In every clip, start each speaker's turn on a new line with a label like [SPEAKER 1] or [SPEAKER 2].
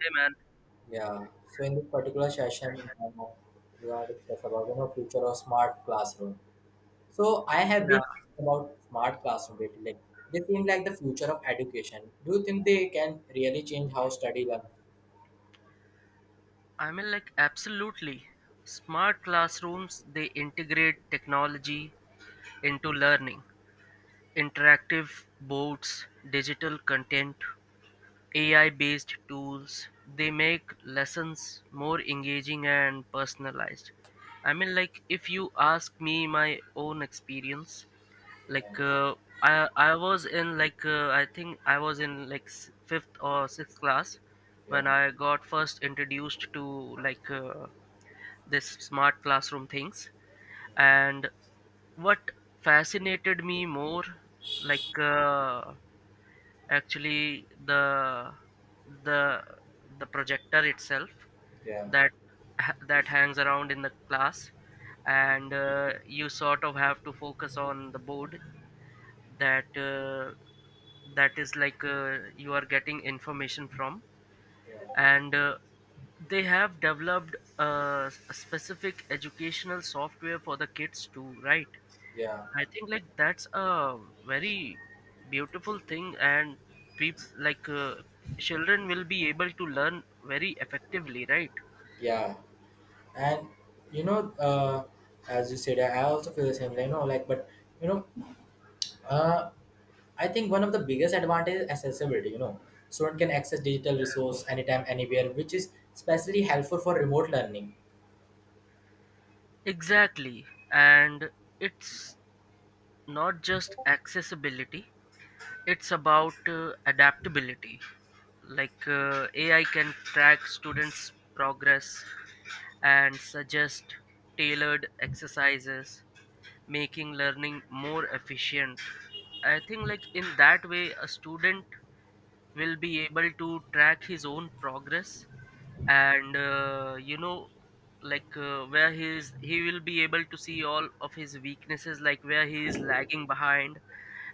[SPEAKER 1] Hey man,
[SPEAKER 2] Yeah. So in this particular session, we are to discuss about future of smart classroom. So I have
[SPEAKER 1] yeah,
[SPEAKER 2] been about smart classroom lately. Like they seem like the future of education. Do you think they can really change how study learn?
[SPEAKER 1] absolutely. Smart classrooms, they integrate technology into learning. Interactive boards, digital content, AI-based tools, they make lessons more engaging and personalized. I mean like if you ask me my own experience,
[SPEAKER 2] Yeah,
[SPEAKER 1] like uh, I was in like, I think I was in like fifth or sixth class
[SPEAKER 2] yeah,
[SPEAKER 1] when I got first introduced to this smart classroom things, and what fascinated me more, like uh, actually the the projector itself
[SPEAKER 2] yeah,
[SPEAKER 1] that that hangs around in the class, and you sort of have to focus on the board that that is like you are getting information from.
[SPEAKER 2] yeah,
[SPEAKER 1] And they have developed a specific educational software for the kids too, right?
[SPEAKER 2] yeah,
[SPEAKER 1] I think like that's a very beautiful thing, and people, children will be able to learn very effectively, right?
[SPEAKER 2] yeah. And you know, uh, as you said, I also feel the same. Like, like, but you know, uh, I think one of the biggest advantages is accessibility. Student can access digital resource anytime, anywhere, which is especially helpful for remote learning.
[SPEAKER 1] Exactly, and it's not just accessibility, it's about adaptability. AI can track students progress and suggest tailored exercises, making learning more efficient. I think like in that way a student will be able to track his own progress, and you know, where he is, he will be able to see all of his weaknesses, like where he is lagging behind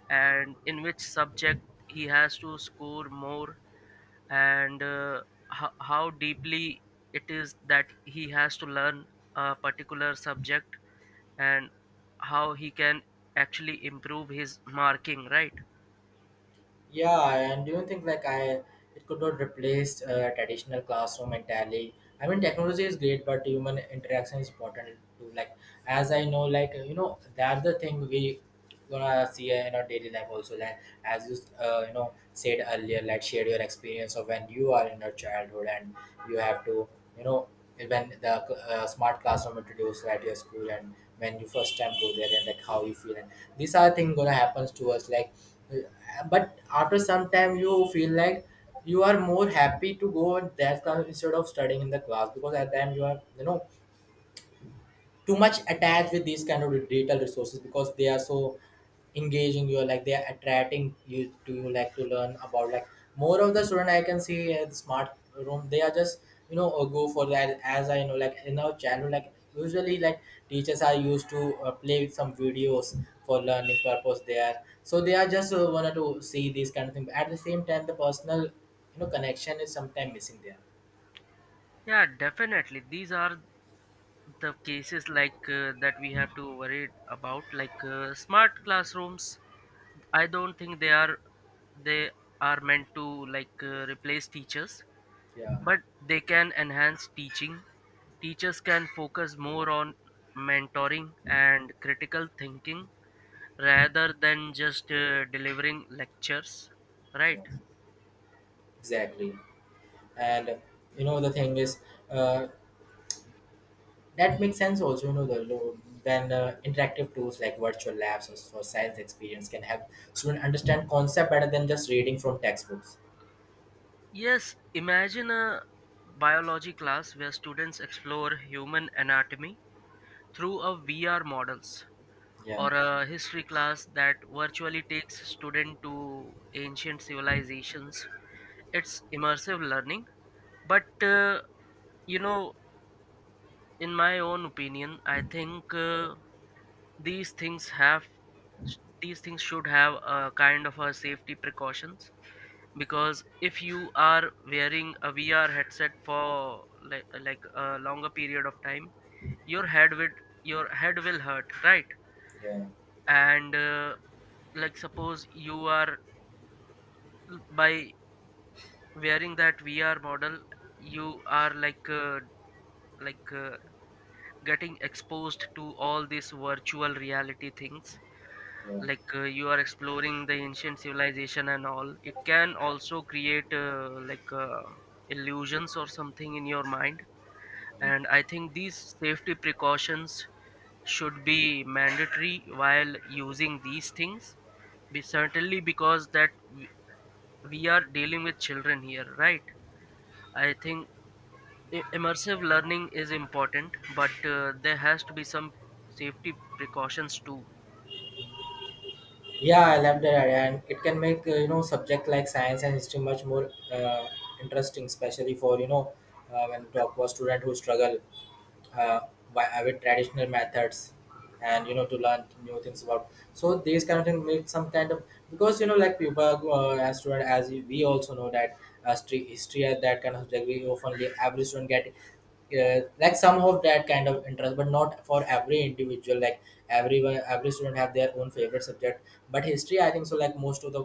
[SPEAKER 1] and in which subject he has to score more. And how deeply it is that he has to learn a particular subject, and how he can actually improve his marking, right?
[SPEAKER 2] Yeah, and do you think like I it could not replace traditional classroom entirely? I mean, technology is great, but human interaction is important too. Like, as I know, like that's the thing we gonna see in our daily life also. Like, as you you know said earlier, like share your experience of when you are in your childhood, and you have to you know when the smart classroom introduced at your school, and when you first time go there, and like how you feel. And these are things gonna happens to us, like, but after some time you feel like you are more happy to go in that class instead of studying in the class, because at the time you are too much attached with these kind of digital resources, because they are so engaging. You like, they are attracting you to, you like, to learn about, like, more of the student I can see at the smart room. They are just go for that. As I know, like in our channel, like usually like teachers are used to play with some videos for learning purpose there. So they are just wanted to see these kind of things. At the same time, the personal connection is sometimes missing there.
[SPEAKER 1] Yeah, definitely these are the cases that we have to worry about. Smart classrooms, I don't think they are meant to replace teachers.
[SPEAKER 2] Yeah,
[SPEAKER 1] But they can enhance teaching. Teachers can focus more on mentoring and critical thinking rather than just delivering lectures,
[SPEAKER 2] yeah,
[SPEAKER 1] right?
[SPEAKER 2] exactly. And the thing is, uh, that makes sense also. Then interactive tools like virtual labs or for science experience can help students understand concept better than just reading from textbooks.
[SPEAKER 1] Yes, imagine a biology class where students explore human anatomy through a VR models,
[SPEAKER 2] Yeah,
[SPEAKER 1] or a history class that virtually takes student to ancient civilizations. It's immersive learning, but you know, in my own opinion I think these things have these things should have a kind of a safety precautions. Because if you are wearing a VR headset for like a longer period of time, your head would your head will hurt, right?
[SPEAKER 2] yeah,
[SPEAKER 1] And like suppose you are by wearing that VR model, you are like uh, getting exposed to all these virtual reality things,
[SPEAKER 2] yeah.
[SPEAKER 1] you are exploring the ancient civilization and all, it can also create illusions or something in your mind.
[SPEAKER 2] Yeah,
[SPEAKER 1] And I think these safety precautions should be mandatory while using these things, be certainly, because that we we are dealing with children here, right? I think immersive learning is important, but there has to be some safety precautions too.
[SPEAKER 2] yeah, I love that idea, and it can make subject like science and history much more interesting, especially for when we talk about student who struggle uh, by with traditional methods and to learn new things about. So these kind of things make some kind of, because like people, as student, as we also know that history at that kind of subject we often leave. Every student get like some of that kind of interest, but not for every individual. Like, everyone, every student have their own favorite subject, but history, I think so, like most of the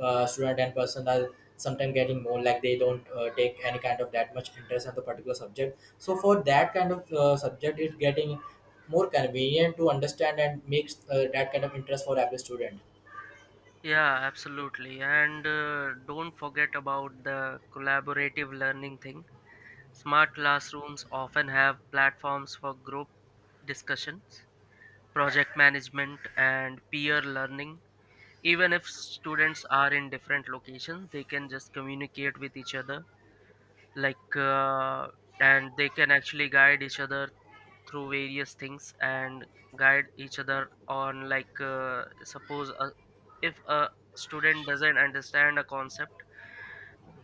[SPEAKER 2] student and person are sometimes getting more, like they don't take any kind of that much interest in the particular subject. So for that kind of subject it's getting more convenient to understand, and makes that kind of interest for every student.
[SPEAKER 1] Yeah, absolutely. And don't forget about the collaborative learning thing. Smart classrooms often have platforms for group discussions, project management, and peer learning. Even if students are in different locations, they can just communicate with each other, like, uh, and they can actually guide each other through various things, and guide each other on suppose if a student doesn't understand a concept,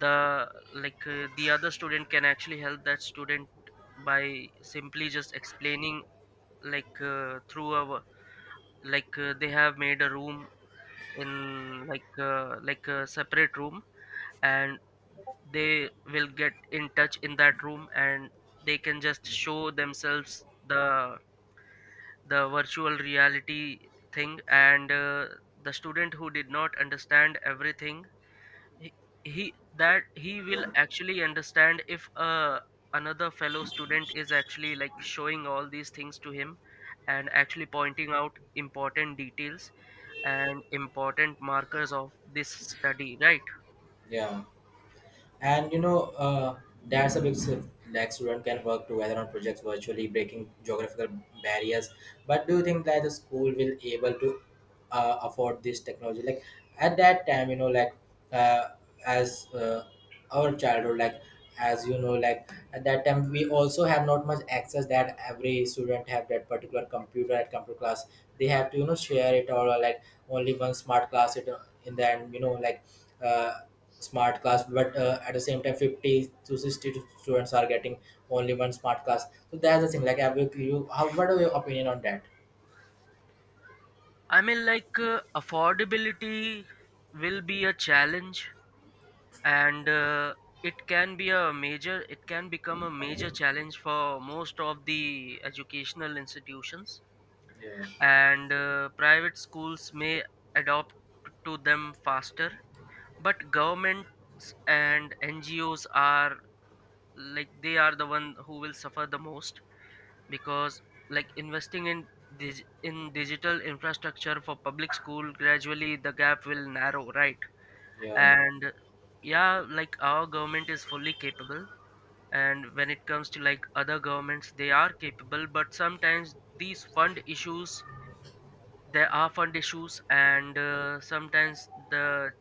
[SPEAKER 1] the the other student can actually help that student by simply just explaining, like through a like they have made a room in like a separate room, and they will get in touch in that room, and they can just show themselves the virtual reality thing. And the student who did not understand everything, he, he will actually understand if another fellow student is actually like showing all these things to him, and actually pointing out important details and important markers of this study, right?
[SPEAKER 2] Yeah. And that's a big shift. Like students can work together on projects virtually, breaking geographical barriers. But do you think that the school will able to afford this technology? Like at that time, like uh, as, our childhood, like as like at that time, we also have not much access that every student have that particular computer at computer class. They have to share it, or like only one smart class it, in the end, like uh, smart class, but at the same time 50 to 60 students are getting only one smart class. So that's the thing, like I will, you how what are your opinion on that.
[SPEAKER 1] I mean like affordability will be a challenge. And it can become a major challenge for most of the educational institutions.
[SPEAKER 2] Yeah,
[SPEAKER 1] And private schools may adopt to them faster, but governments and NGOs are, like they are the one who will suffer the most, because like investing in in digital infrastructure for public school, gradually the gap will narrow, right?
[SPEAKER 2] yeah.
[SPEAKER 1] And yeah, like our government is fully capable, and when it comes to like other governments, they are capable, but sometimes these fund issues, there are fund issues. And sometimes the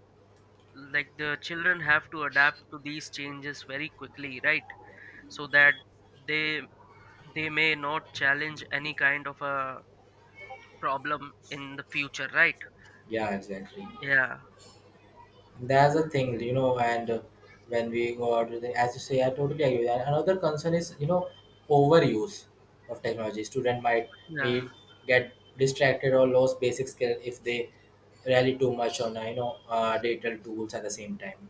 [SPEAKER 1] like the children have to adapt to these changes very quickly, right? So that they they may not challenge any kind of a problem in the future, right?
[SPEAKER 2] Yeah, exactly.
[SPEAKER 1] yeah
[SPEAKER 2] That's the thing, and when we go out with the, as you say, I totally agree with that. Another concern is, overuse of technology. Student might
[SPEAKER 1] yeah
[SPEAKER 2] may get distracted or lose basic skill if they rely too much on, digital tools at the same time.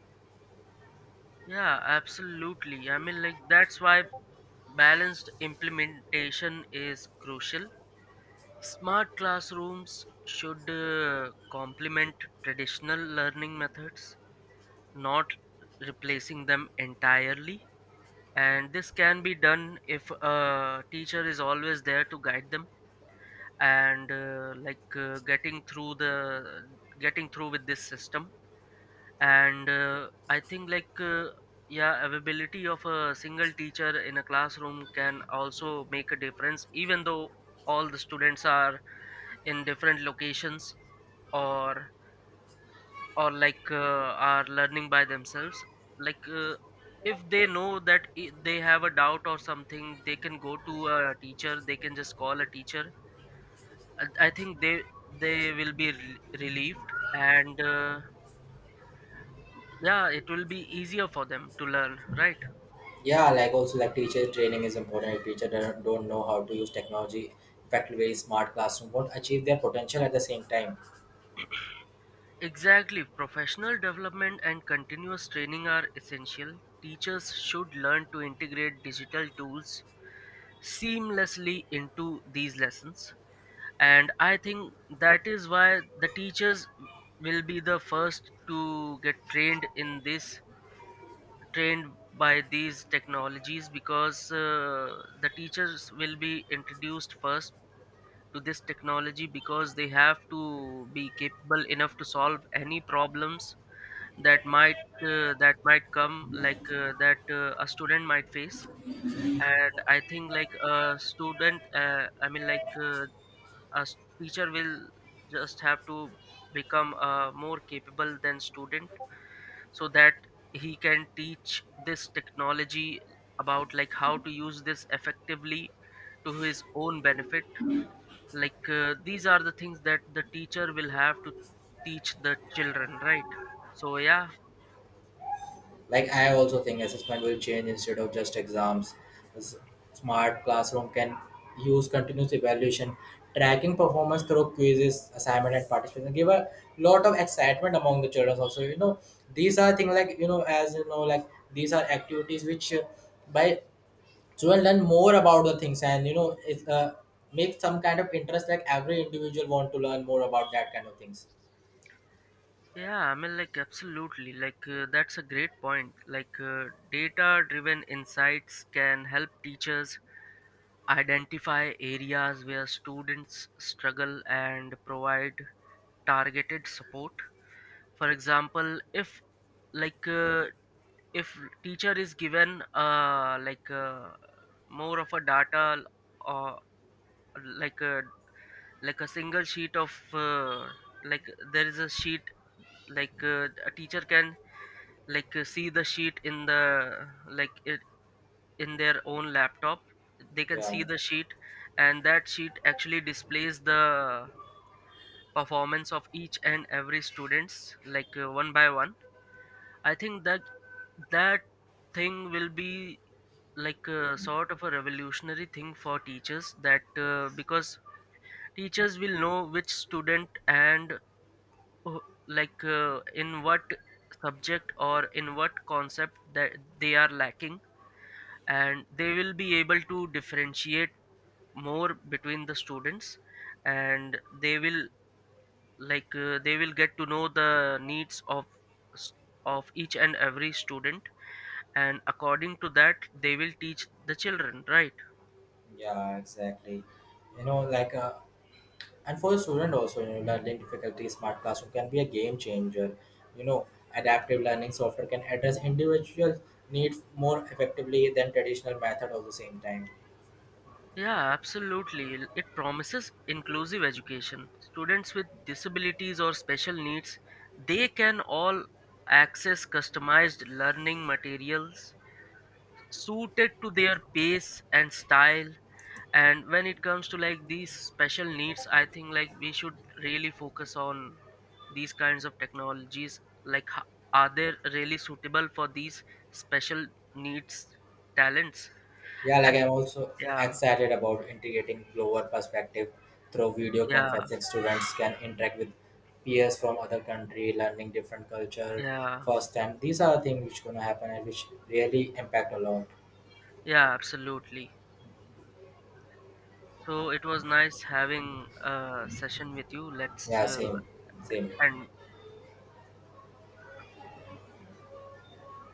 [SPEAKER 1] yeah Absolutely. I mean like that's why balanced implementation is crucial. Smart classrooms should complement traditional learning methods, not replacing them entirely. And this can be done if a teacher is always there to guide them, and getting through with this system. And I think yeah, availability of a single teacher in a classroom can also make a difference, even though all the students are in different locations, or or are learning by themselves. like uh, if they know that they have a doubt or something, they can go to a teacher, they can just call a teacher. I think they will be relieved. And yeah, it will be easier for them to learn, right?
[SPEAKER 2] Yeah, like also like teacher training is important. If teacher don't know how to use technology effectively, smart classroom won't achieve their potential at the same time.
[SPEAKER 1] Exactly. Professional development and continuous training are essential. Teachers should learn to integrate digital tools seamlessly into these lessons. And I think that is why the teachers will be the first to get trained in this, trained by these technologies. Because the teachers will be introduced first to this technology, because they have to be capable enough to solve any problems that might that might come, that a student might face. And I think like a student I mean like a teacher will just have to become more capable than student, so that he can teach this technology about like how to use this effectively to his own benefit. These are the things that the teacher will have to teach the children, right? So yeah.
[SPEAKER 2] Like, I also think assessment will change instead of just exams. S- Smart classroom can use continuous evaluation, tracking performance through quizzes assignment and participation, give a lot of excitement among the children also. These are things like as like, these are activities which by children learn more about the things. And it makes some kind of interest, like every individual want to learn more about that kind of things.
[SPEAKER 1] Yeah, I mean, like, absolutely. That's a great point. Data driven insights can help teachers identify areas where students struggle and provide targeted support. For example, if, like, uh, if teacher is given, more of a data, or like a like a single sheet of like, there is a sheet, a teacher can see the sheet in the like it in their own laptop, they can
[SPEAKER 2] Yeah,
[SPEAKER 1] see the sheet. And that sheet actually displays the performance of each and every students, one by one. I think that thing will be like a sort of a revolutionary thing for teachers, that because teachers will know which student, and who- in what subject or in what concept that they are lacking, and they will be able to differentiate more between the students, and they will they will get to know the needs of s- of each and every student, and according to that they will teach the children, right?
[SPEAKER 2] yeah, exactly. you know like uh, and for a student also, learning difficulty, smart classroom can be a game changer. you know adaptive learning software can address individual needs more effectively than traditional method at the same time.
[SPEAKER 1] Yeah, absolutely. It promises inclusive education. Students with disabilities or special needs, they can all access customized learning materials suited to their pace and style. And when it comes to like these special needs, I think like we should really focus on these kinds of technologies, like are they really suitable for these special needs talents?
[SPEAKER 2] Yeah, like
[SPEAKER 1] And
[SPEAKER 2] I'm also
[SPEAKER 1] yeah.
[SPEAKER 2] excited about integrating global perspective through video
[SPEAKER 1] yeah
[SPEAKER 2] conferencing. Students can interact with peers from other country learning different culture
[SPEAKER 1] yeah
[SPEAKER 2] first time. These are the things which gonna happen and which really impact a lot.
[SPEAKER 1] yeah Absolutely. So it was nice having a session with you. Let's
[SPEAKER 2] Yeah, same, same.
[SPEAKER 1] end.